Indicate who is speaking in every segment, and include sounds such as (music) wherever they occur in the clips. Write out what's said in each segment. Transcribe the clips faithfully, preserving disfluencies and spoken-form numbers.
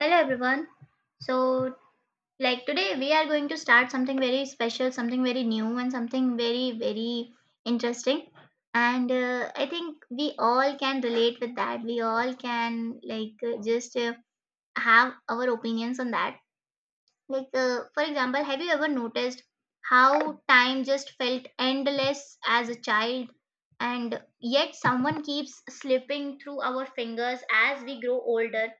Speaker 1: Hello everyone. So, like today we are going to start something very special, something very new, and something very, very interesting. And uh, I think we all can relate with that. We all can, like, uh, just uh, have our opinions on that. Like, uh, for example, have you ever noticed how time just felt endless as a child? And yet, someone keeps slipping through our fingers as we grow older.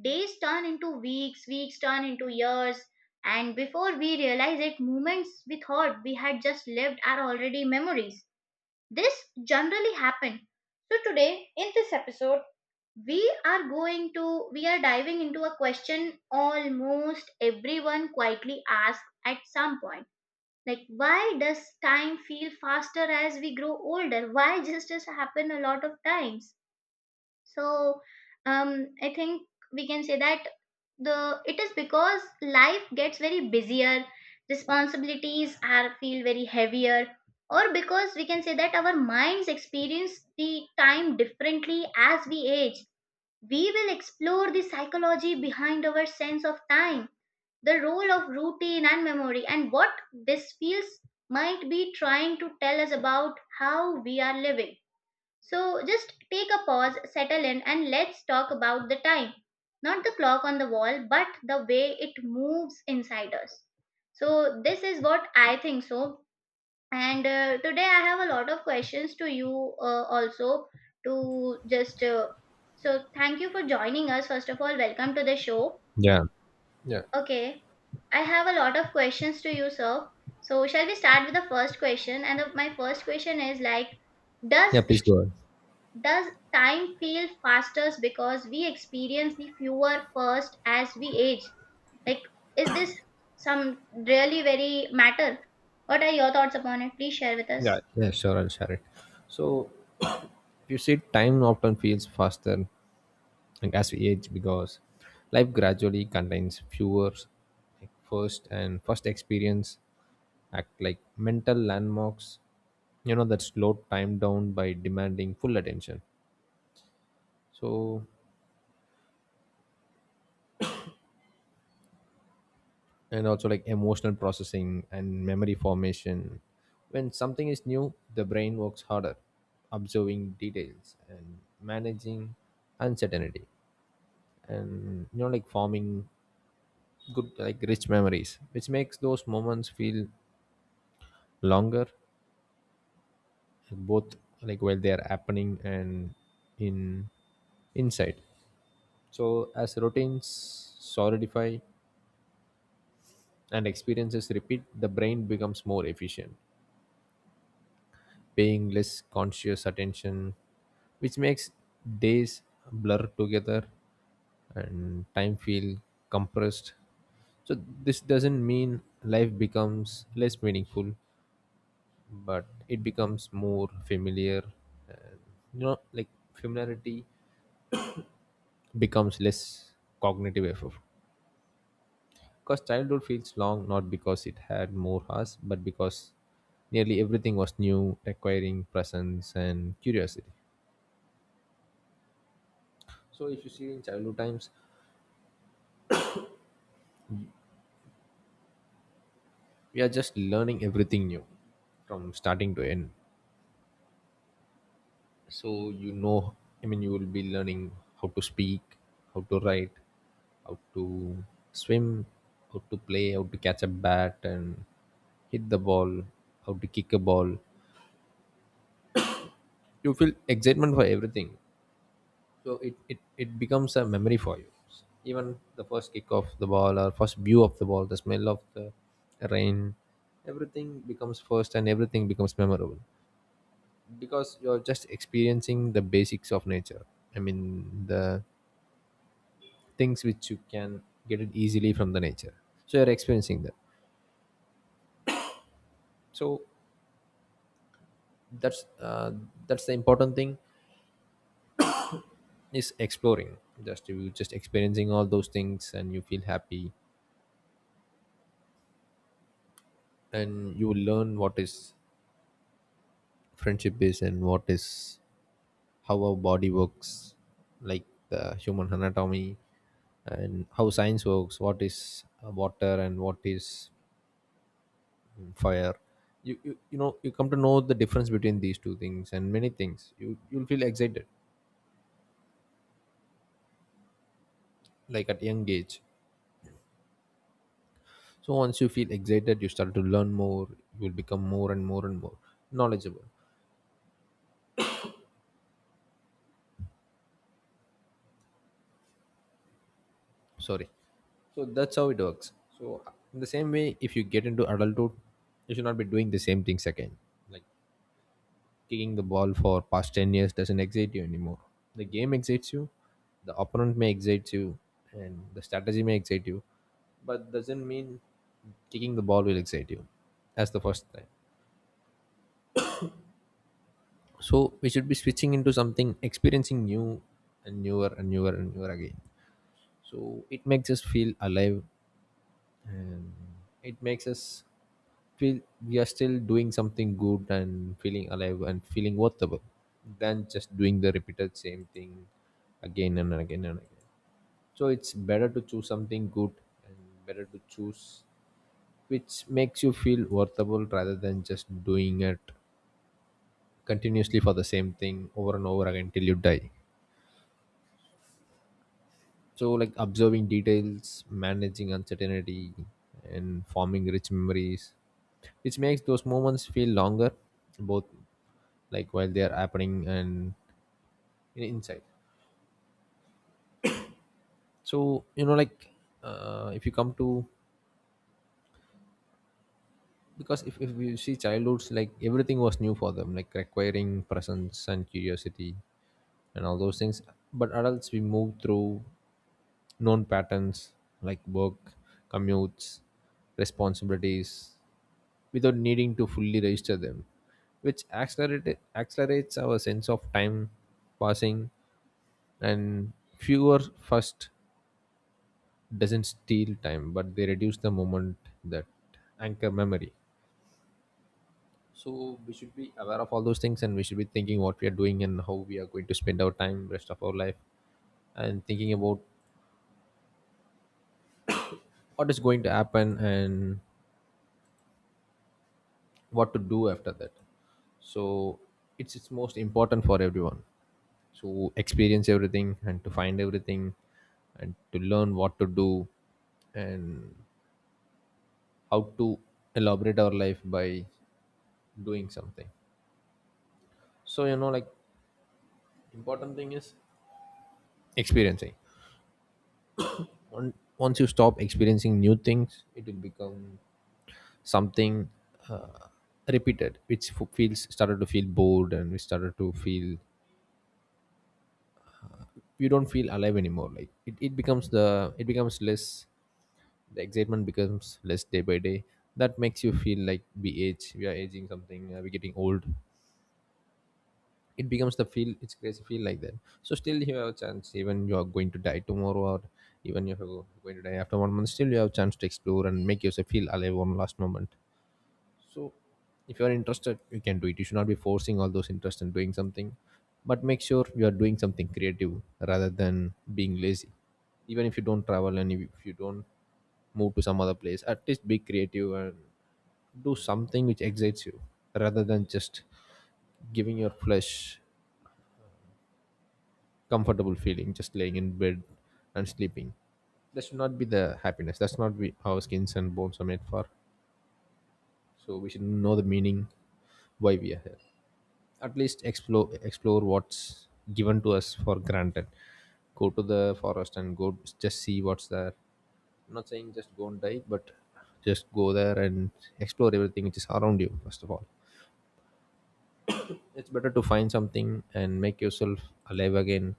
Speaker 1: Days turn into weeks, weeks turn into years, and before we realize it, moments we thought we had just lived are already memories. This generally happens. So, today in this episode, we are going to we are diving into a question almost everyone quietly asks at some point, like why does time feel faster as we grow older? Why just does happen a lot of times? So um, I think we can say that the it is because life gets very busier, responsibilities are feel very heavier, or because we can say that our minds experience the time differently as we age. We will explore the psychology behind our sense of time, the role of routine and memory, and what this feels might be trying to tell us about how we are living. So just take a pause, settle in, and let's talk about the time. Not the clock on the wall, but the way it moves inside us. So this is what I think so. And uh, today I have a lot of questions to you, uh, also to just. Uh, So thank you for joining us. First of all, welcome to the show.
Speaker 2: Yeah. yeah
Speaker 1: Okay, I have a lot of questions to you, sir. So shall we start with the first question? And the, my first question is like, does
Speaker 2: Yeah. Please go on.
Speaker 1: does time feel faster because we experience the fewer first as we age? Like, is this some really very matter? What are your thoughts upon it? Please share with
Speaker 2: yeah
Speaker 1: us.
Speaker 2: Yeah. Sure. I'll share it. So, (coughs) (clears throat) you see, time often feels faster like, as we age because life gradually contains fewer like, first and first experience act like mental landmarks, you know, that slow time down by demanding full attention. So, and also like emotional processing and memory formation. When something is new, the brain works harder, observing details and managing uncertainty, and you know, like forming good, like rich memories, which makes those moments feel longer, both like while they are happening and in insight. So, as routines solidify and experiences repeat, the brain becomes more efficient paying less conscious attention, which makes days blur together and time feel compressed. So this doesn't mean life becomes less meaningful, but it becomes more familiar. And, you know, like familiarity becomes less cognitive effort. Because childhood feels long not because it had more hours, but because nearly everything was new, requiring presence and curiosity. So if you see in childhood times, we are just learning everything new from starting to end. So you know, I mean, you will be learning how to speak, how to write, how to swim, how to play, how to catch a bat and hit the ball, how to kick a ball. You feel excitement for everything. So it, it it becomes a memory for you, even the first kick of the ball or first view of the ball, the smell of the rain. Everything becomes first and everything becomes memorable because you're just experiencing the basics of nature. I mean the things which you can get it easily from the nature, so you're experiencing that. So that's uh, that's the important thing, is exploring. Just you just experiencing all those things and you feel happy, and you learn what is friendship is and what is how our body works, like the human anatomy, and how science works, what is uh, water and what is mm, fire. You, you you know you come to know the difference between these two things, and many things you you'll feel excited like at young age. So once you feel excited you start to learn more, you will become more and more and more knowledgeable. Sorry. So that's how it works. So in the same way, if you get into adulthood, you should not be doing the same things again. Like, kicking the ball for past ten years doesn't excite you anymore. The game excites you, the opponent may excite you, and the strategy may excite you, but doesn't mean kicking the ball will excite you. That's the first time. So we should be switching into something experiencing new and newer and newer and newer again. So it makes us feel alive, and it makes us feel we are still doing something good and feeling alive and feeling worthable, than just doing the repeated same thing again and again and again. So it's better to choose something good, and better to choose which makes you feel worthable rather than just doing it continuously for the same thing over and over again till you die. So, like observing details, managing uncertainty, and forming rich memories, which makes those moments feel longer, both like while they are happening and in- inside. So, you know, like uh, if you come to because if, if you see childhoods, like everything was new for them, like requiring presence and curiosity and all those things, but adults we move through known patterns like work, commutes, responsibilities, without needing to fully register them, which accelerate, accelerates our sense of time passing, and fewer first doesn't steal time, but they reduce the moment that anchor memory. So we should be aware of all those things, and we should be thinking what we are doing and how we are going to spend our time, rest of our life, and thinking about what is going to happen and what to do after that. So it's it's most important for everyone to experience everything and to find everything and to learn what to do and how to elaborate our life by doing something. So you know, like important thing is experiencing. On- once you stop experiencing new things, it will become something uh, repeated, which f- feels started to feel bored, and we started to feel you don't feel alive anymore. Like it, it becomes the it becomes less, the excitement becomes less day by day. That makes you feel like we age, we are aging something, uh, we're getting old. It becomes the feel, it's crazy feel like that. So still you have a chance, even you are going to die tomorrow, or even if you're going to die after one month, still you have a chance to explore and make yourself feel alive one last moment. So if you are interested, you can do it. You should not be forcing all those interests in doing something, but make sure you are doing something creative rather than being lazy. Even if you don't travel, and if if you don't move to some other place, at least be creative and do something which excites you rather than just giving your flesh comfortable feeling, just laying in bed and sleeping. That should not be the happiness. That's not be how skins and bones are made for. So we should know the meaning why we are here. At least explore explore what's given to us for granted. Go to the forest and go just see what's there. I'm not saying just go and dive, but just go there and explore everything which is around you first of all. It's better to find something and make yourself alive again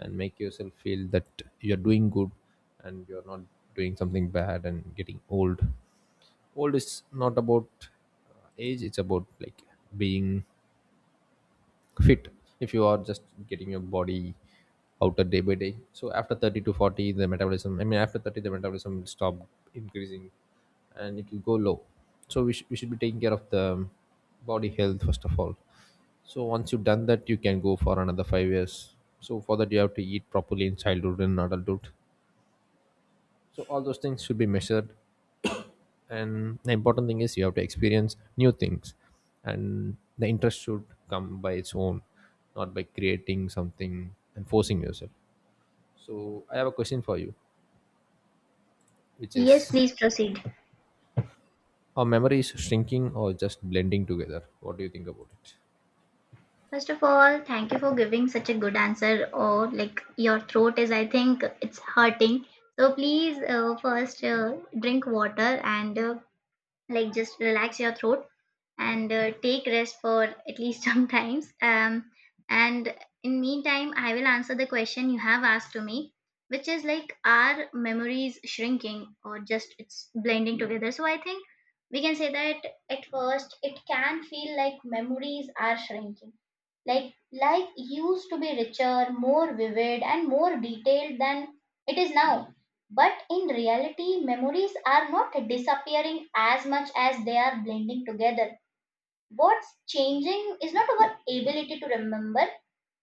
Speaker 2: and make yourself feel that you're doing good and you're not doing something bad and getting old. Old is not about uh, age, it's about like being fit. If you are just getting your body outer day by day, so after thirty to forty the metabolism, I mean after thirty the metabolism will stop increasing and it will go low. So we, sh- we should be taking care of the body health first of all. So once you've done that, you can go for another five years. So for that you have to eat properly in childhood and adulthood. So all those things should be measured, and the important thing is you have to experience new things, and the interest should come by its own, not by creating something and forcing yourself. So I have a question for you, which
Speaker 1: Yes,
Speaker 2: is,
Speaker 1: please proceed.
Speaker 2: are memories shrinking or just blending together? What do you think about it?
Speaker 1: First of all, thank you for giving such a good answer. Or like your throat is, I think it's hurting. So please uh, first uh, drink water and uh, like just relax your throat and uh, take rest for at least (laughs) sometimes. Um, and in meantime, I will answer the question you have asked to me, which is like, are memories shrinking or just it's blending together? So I think we can say that at first it can feel like memories are shrinking. Like life used to be richer, more vivid, and more detailed than it is now. But in reality, memories are not disappearing as much as they are blending together. What's changing is not our ability to remember,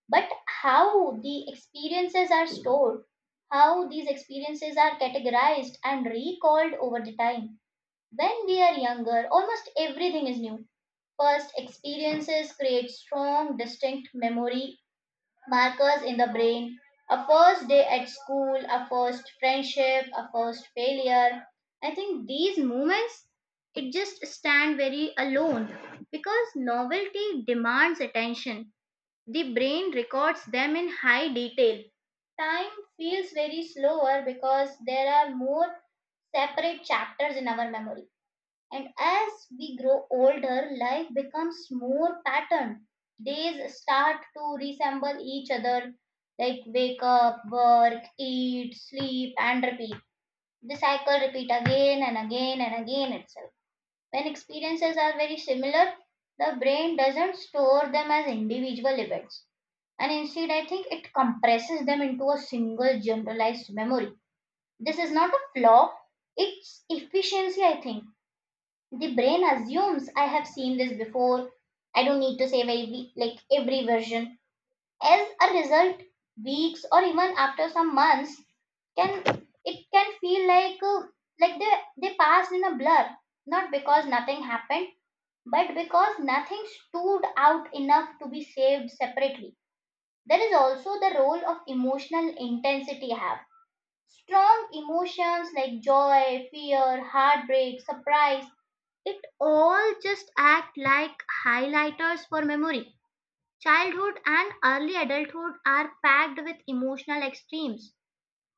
Speaker 1: but how the experiences are stored, how these experiences are categorized and recalled over the time. When we are younger, almost everything is new. First, experiences create strong, distinct memory markers in the brain. A first day at school, a first friendship, a first failure. I think these moments it just stand very alone because novelty demands attention. The brain records them in high detail. Time feels very slower because there are more separate chapters in our memory. And as we grow older, life becomes more patterned. Days start to resemble each other, like wake up, work, eat, sleep, and repeat. The cycle repeat again and again and again itself. When experiences are very similar, the brain doesn't store them as individual events. And instead, I think it compresses them into a single generalized memory. This is not a flaw, it's efficiency. I think the brain assumes I have seen this before. I don't need to save every, like every version. As a result, weeks or even after some months can it can feel like uh, like they they passed in a blur. Not because nothing happened, but because nothing stood out enough to be saved separately. There is also the role of emotional intensity I have. Strong emotions like joy, fear, heartbreak, surprise it all just act like highlighters for memory. Childhood and early adulthood are packed with emotional extremes.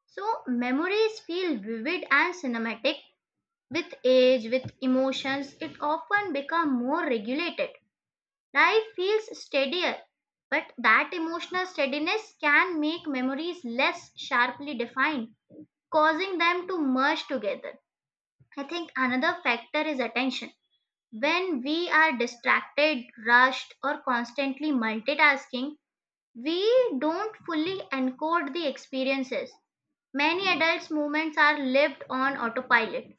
Speaker 1: So memories feel vivid and cinematic. With age, with emotions, it often becomes more regulated. Life feels steadier, but that emotional steadiness can make memories less sharply defined, causing them to merge together. I think another factor is attention. When we are distracted, rushed, or constantly multitasking, we don't fully encode the experiences. Many adults' movements are lived on autopilot,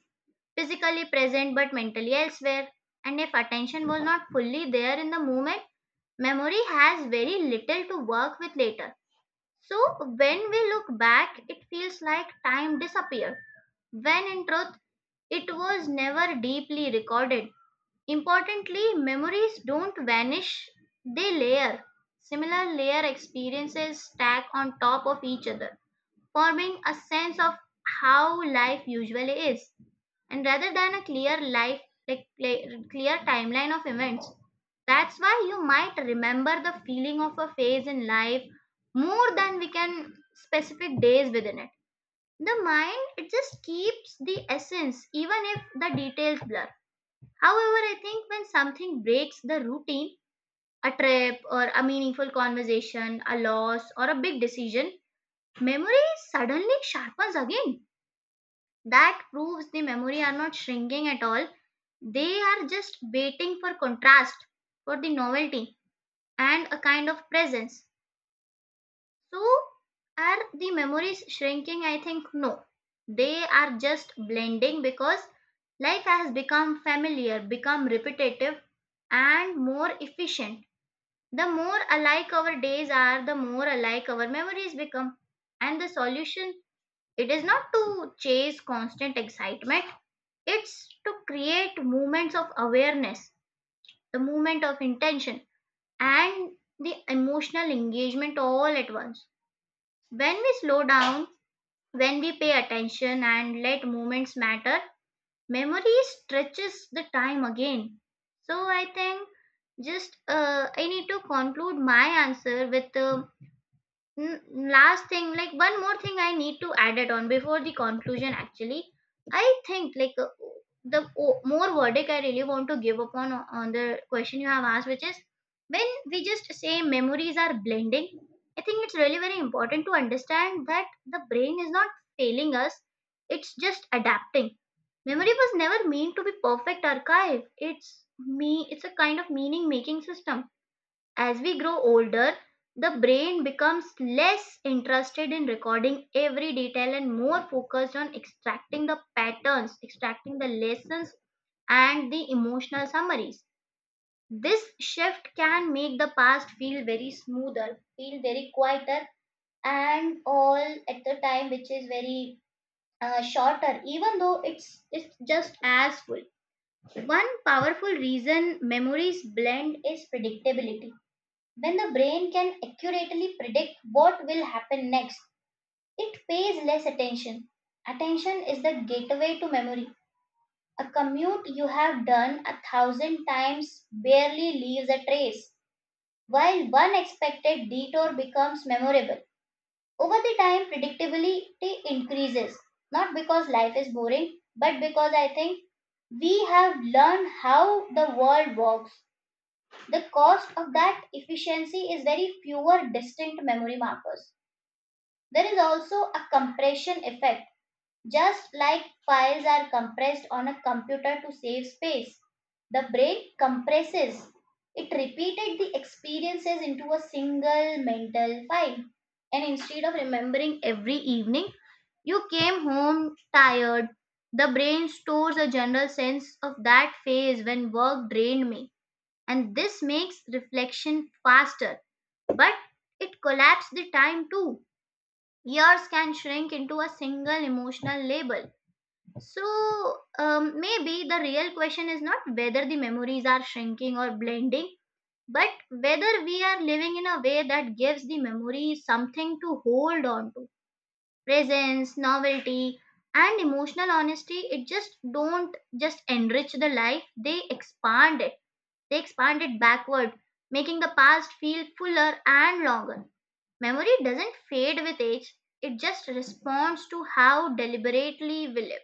Speaker 1: physically present but mentally elsewhere. And if attention was not fully there in the moment, memory has very little to work with later. So, when we look back, it feels like time disappeared, when in truth, it was never deeply recorded. Importantly, memories don't vanish, they layer. Similar layer experiences stack on top of each other, forming a sense of how life usually is. And rather than a clear life, like clear clear timeline of events, that's why you might remember the feeling of a phase in life more than we can specific days within it. The mind, it just keeps the essence even if the details blur. However, I think when something breaks the routine, a trip or a meaningful conversation, a loss or a big decision, memory suddenly sharpens again. That proves the memory are not shrinking at all. They are just waiting for contrast, for the novelty, and a kind of presence. So, are the memories shrinking? I think no. They are just blending because life has become familiar, become repetitive, and more efficient. The more alike our days are, the more alike our memories become. And the solution, it is not to chase constant excitement, it's to create moments of awareness, the movement of intention, and the emotional engagement all at once. When we slow down, when we pay attention and let moments matter, memory stretches the time again. So I think just uh, I need to conclude my answer with uh, N- last thing, like one more thing I need to add it on before the conclusion actually. I think like uh, the o- more verdict I really want to give upon o- on the question you have asked, which is, when we just say memories are blending, I think it's really very important to understand that the brain is not failing us, it's just adapting. Memory was never meant to be perfect archive, it's me it's a kind of meaning making system. As we grow older, the brain becomes less interested in recording every detail and more focused on extracting the patterns, extracting the lessons, and the emotional summaries. This shift can make the past feel very smoother, feel very quieter, and all at the time, which is very uh, shorter, even though it's, it's just as full. One powerful reason memories blend is predictability. When the brain can accurately predict what will happen next, it pays less attention. Attention is the gateway to memory. A commute you have done a thousand times barely leaves a trace, while one expected detour becomes memorable. Over the time, predictability increases, not because life is boring, but because I think we have learned how the world works. The cost of that efficiency is very fewer distinct memory markers. There is also a compression effect. Just like files are compressed on a computer to save space, the brain compresses. It repeated the experiences into a single mental file. And instead of remembering every evening, you came home tired. The brain stores a general sense of that phase when work drained me, and this makes reflection faster, but it collapses the time too. Years can shrink into a single emotional label. So um, maybe the real question is not whether the memories are shrinking or blending, but whether we are living in a way that gives the memory something to hold on to. Presence, novelty, and emotional honesty, it just don't just enrich the life, they expand it, they expanded backward, making the past feel fuller and longer. Memory doesn't fade with age, it just responds to how deliberately we live.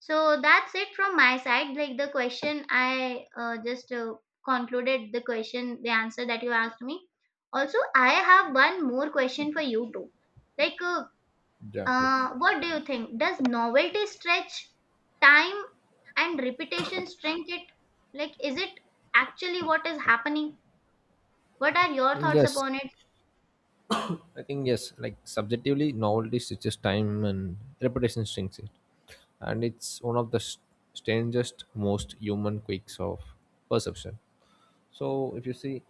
Speaker 1: So that's it from my side. Like the question I uh, just uh, concluded, the question, the answer that you asked me. Also, I have one more question for you too. Like, uh,
Speaker 2: Exactly.
Speaker 1: uh, what do you think? Does novelty stretch time and repetition shrink it? Like, is it actually what is happening? What are your thoughts
Speaker 2: Yes,
Speaker 1: upon it?
Speaker 2: I think yes. Like subjectively, novelty stretches time and repetition shrinks it, and it's one of the s- strangest, most human quirks of perception. So, if you see,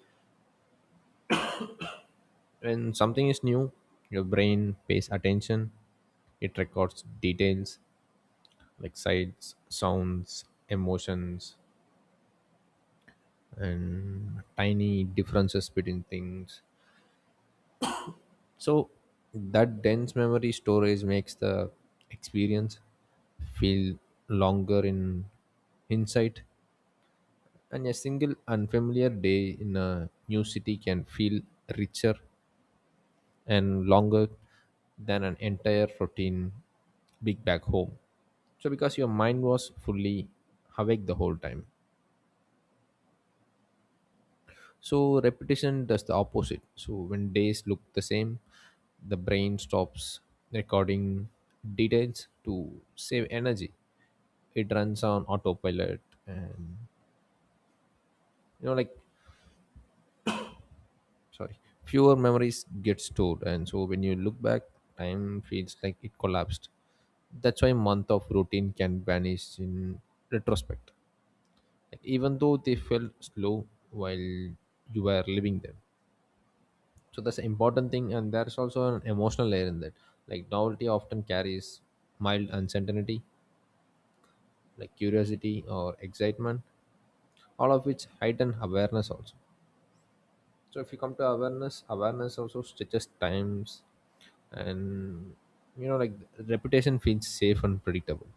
Speaker 2: when something is new, your brain pays attention. It records details like sights, sounds, emotions, and tiny differences between things. So that dense memory storage makes the experience feel longer in hindsight. And a single unfamiliar day in a new city can feel richer and longer than an entire routine week back home. So, because your mind was fully awake the whole time. So, repetition does the opposite. So, when days look the same, the brain stops recording details to save energy. It runs on autopilot and you know, like sorry, fewer memories get stored, and so when you look back time feels like it collapsed. That's why month of routine can vanish in retrospect, like, even though they felt slow while you were living them. So that's an important thing, and there's also an emotional layer in that, like novelty often carries mild uncertainty like curiosity or excitement, all of which heighten awareness also. So if you come to awareness, awareness also stretches times, and you know like reputation feels safe and predictable,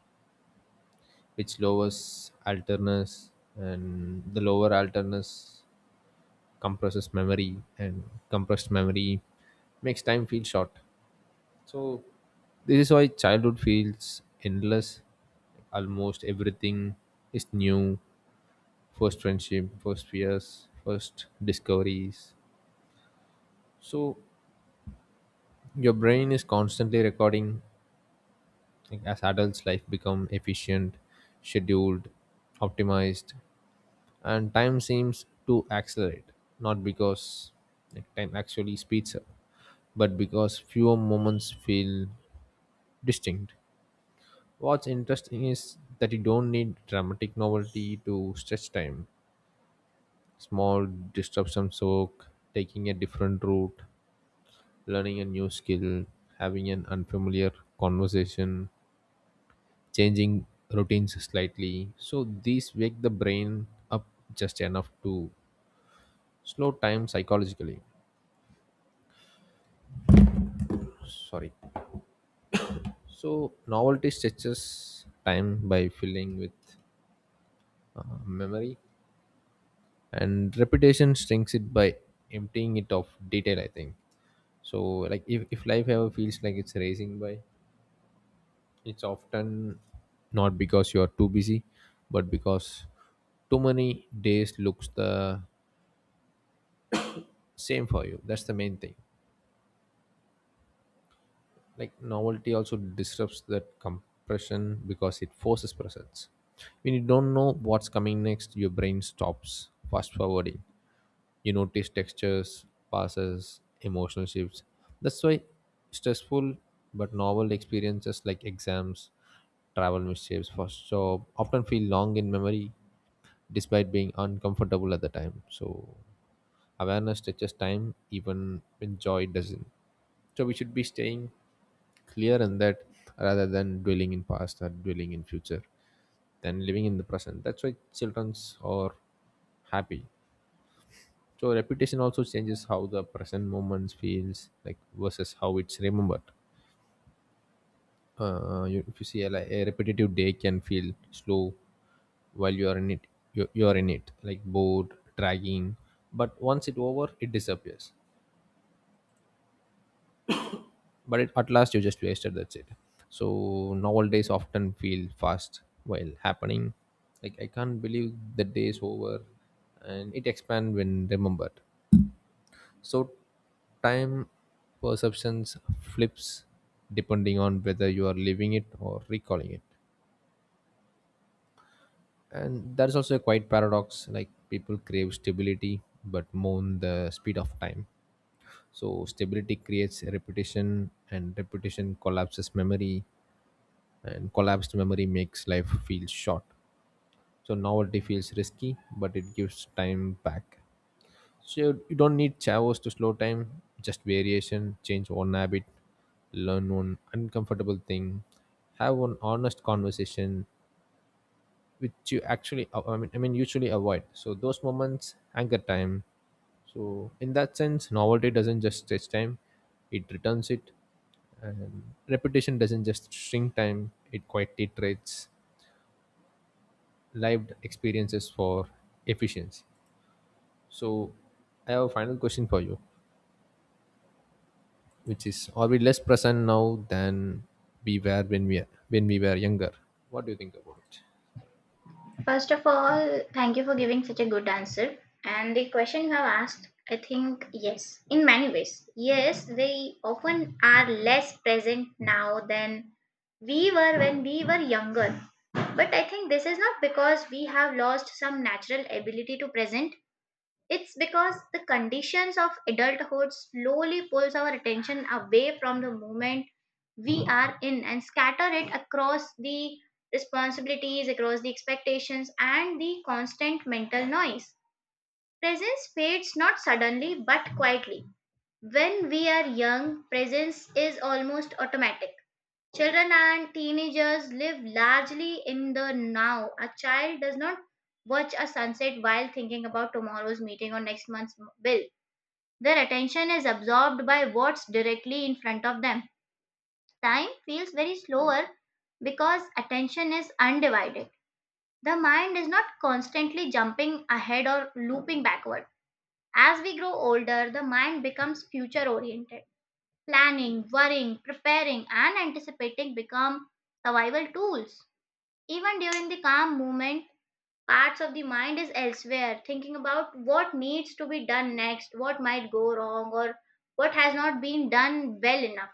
Speaker 2: which lowers alertness, and the lower alertness compresses memory, and compressed memory makes time feel short. So this is why childhood feels endless. Almost everything is new. First friendship, first fears, first discoveries. So your brain is constantly recording. Like, as adults life become efficient, scheduled, optimized, and time seems to accelerate, not because like time actually speeds up, but because fewer moments feel distinct. What's interesting is that you don't need dramatic novelty to stretch time, small disruptions work: taking a different route, learning a new skill, having an unfamiliar conversation, changing routines slightly. So these wake the brain up just enough to slow time psychologically. Sorry. So novelty stretches time by filling with uh, memory, and repetition strings it by emptying it of detail, I think. So like if, if life ever feels like it's racing by, it's often not because you are too busy, but because too many days looks the same for you. That's the main thing. Like novelty also disrupts that compression because it forces presence. When you don't know what's coming next, your brain stops fast forwarding. You notice textures, passes, emotional shifts. That's why stressful but novel experiences like exams, travel mishaps, first job, often feel long in memory despite being uncomfortable at the time. So awareness touches time, even when joy doesn't. So we should be staying clear in that, rather than dwelling in past or dwelling in future than living in the present. That's why childrens are happy. So repetition also changes how the present moment feels like versus how it's remembered. Uh, you, if you see a, like, a repetitive day can feel slow while you are in it. You, you are in it like bored, dragging. But once it over, it disappears. But it, at last you just wasted, that's it. So nowadays often feel fast while happening, like I can't believe the day is over, and it expand when remembered. So time perceptions flips depending on whether you are living it or recalling it. And that is also a quite paradox, like people crave stability but mourn the speed of time. So stability creates repetition, and repetition collapses memory, and collapsed memory makes life feel short. So novelty feels risky but it gives time back. So you don't need chavos to slow time, just variation: change one habit, learn one uncomfortable thing, have one honest conversation which you actually, i mean i mean usually avoid. So those moments anchor time. So in that sense, novelty doesn't just stretch time, it returns it, and repetition doesn't just shrink time, it quite iterates lived experiences for efficiency. So, I have a final question for you, which is: are we less present now than we were when we when we were younger? What do you think about it?
Speaker 1: First of all, thank you for giving such a good answer. And the question you have asked, I think, yes, in many ways. Yes, they often are less present now than we were when we were younger. But I think this is not because we have lost some natural ability to present. It's because the conditions of adulthood slowly pulls our attention away from the moment we are in and scatter it across the responsibilities, across the expectations and the constant mental noise. Presence fades not suddenly but quietly. When we are young, presence is almost automatic. Children and teenagers live largely in the now. A child does not watch a sunset while thinking about tomorrow's meeting or next month's bill. Their attention is absorbed by what's directly in front of them. Time feels very slower because attention is undivided. The mind is not constantly jumping ahead or looping backward. As we grow older, the mind becomes future oriented. Planning, worrying, preparing, and anticipating become survival tools. Even during the calm moment, parts of the mind is elsewhere, thinking about what needs to be done next, what might go wrong, or what has not been done well enough.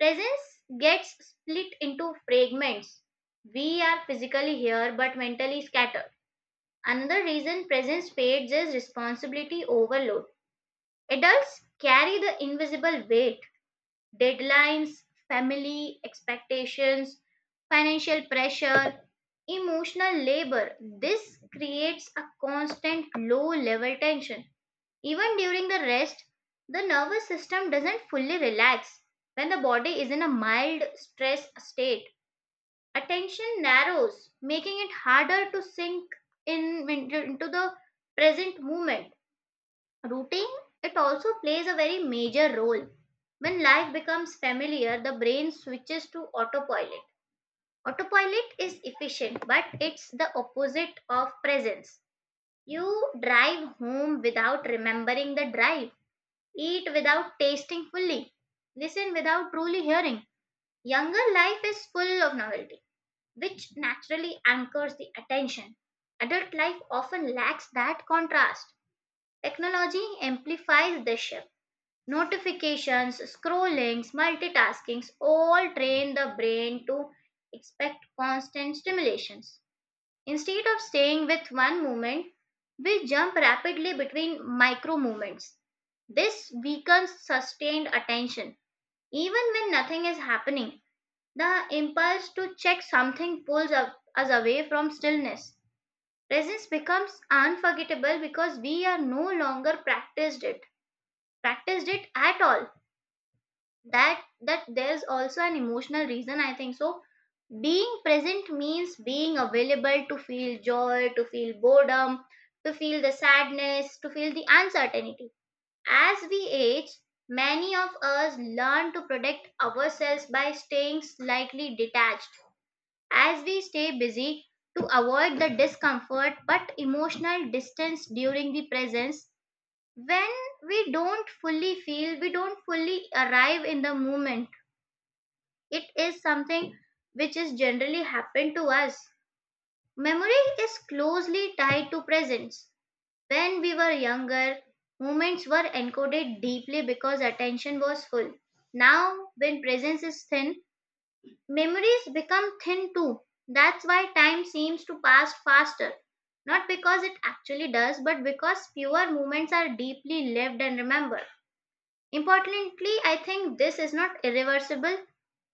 Speaker 1: Presence gets split into fragments. We are physically here but mentally scattered. Another reason presence fades is responsibility overload. Adults carry the invisible weight: deadlines, family expectations, financial pressure, emotional labor. This creates a constant low level tension. Even during the rest, the nervous system doesn't fully relax when the body is in a mild stress state. Attention narrows, making it harder to sink in into into the present moment. Routine, it also plays a very major role. When life becomes familiar, the brain switches to autopilot. Autopilot is efficient, but it's the opposite of presence. You drive home without remembering the drive, eat without tasting fully, listen without truly hearing. Younger life is full of novelty, which naturally anchors the attention. Adult life often lacks that contrast. Technology amplifies this shift. Notifications, scrollings, multitaskings all train the brain to expect constant stimulations. Instead of staying with one movement, we jump rapidly between micro movements. This weakens sustained attention. Even when nothing is happening, the impulse to check something pulls up- us away from stillness. Presence becomes unforgettable because we are no longer practiced it, practiced it at all. that that there's also an emotional reason, I think. So being present means being available to feel joy, to feel boredom, to feel the sadness, to feel the uncertainty. As we age, many of us learn to protect ourselves by staying slightly detached, as we stay busy, to avoid the discomfort. But emotional distance during the presence, when we don't fully feel, we don't fully arrive in the moment, it is something which is generally happened to us. Memory is closely tied to presence. When we were younger, moments were encoded deeply because attention was full. Now, when presence is thin, memories become thin too. That's why time seems to pass faster. Not because it actually does, but because fewer moments are deeply lived and remembered. Importantly, I think this is not irreversible.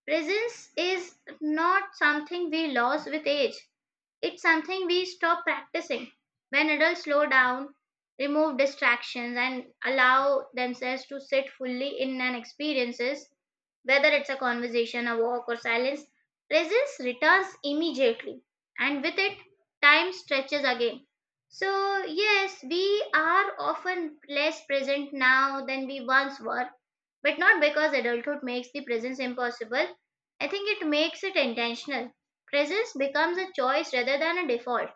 Speaker 1: Presence is not something we lose with age, it's something we stop practicing. When adults slow down, remove distractions, and allow themselves to sit fully in an experiences, whether it's a conversation, a walk, or silence, presence returns immediately, and with it, time stretches again. So, yes, we are often less present now than we once were, but not because adulthood makes the presence impossible. I think it makes it intentional. Presence becomes a choice rather than a default.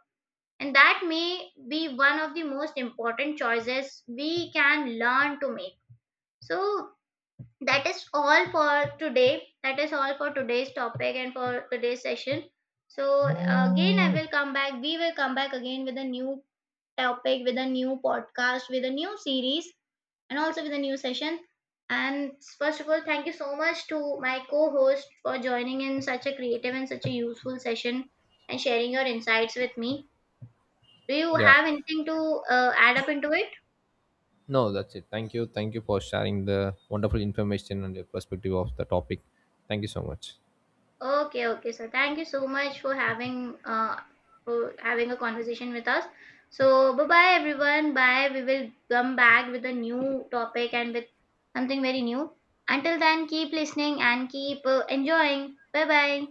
Speaker 1: And that may be one of the most important choices we can learn to make. So, that is all for today. That is all for today's topic and for today's session. So, again, I will come back. We will come back again with a new topic, with a new podcast, with a new series, and also with a new session. And first of all, thank you so much to my co host for joining in such a creative and such a useful session and sharing your insights with me. Do you
Speaker 2: Yeah,
Speaker 1: have anything to uh, add up into it?
Speaker 2: no, that's it. Thank you, thank you for sharing the wonderful information and your perspective of the topic. Thank you so much.
Speaker 1: Okay, okay. So thank you so much for having uh, for having a conversation with us. So bye bye everyone. Bye. We will come back with a new topic and with something very new. Until then, keep listening and keep uh, enjoying. Bye bye.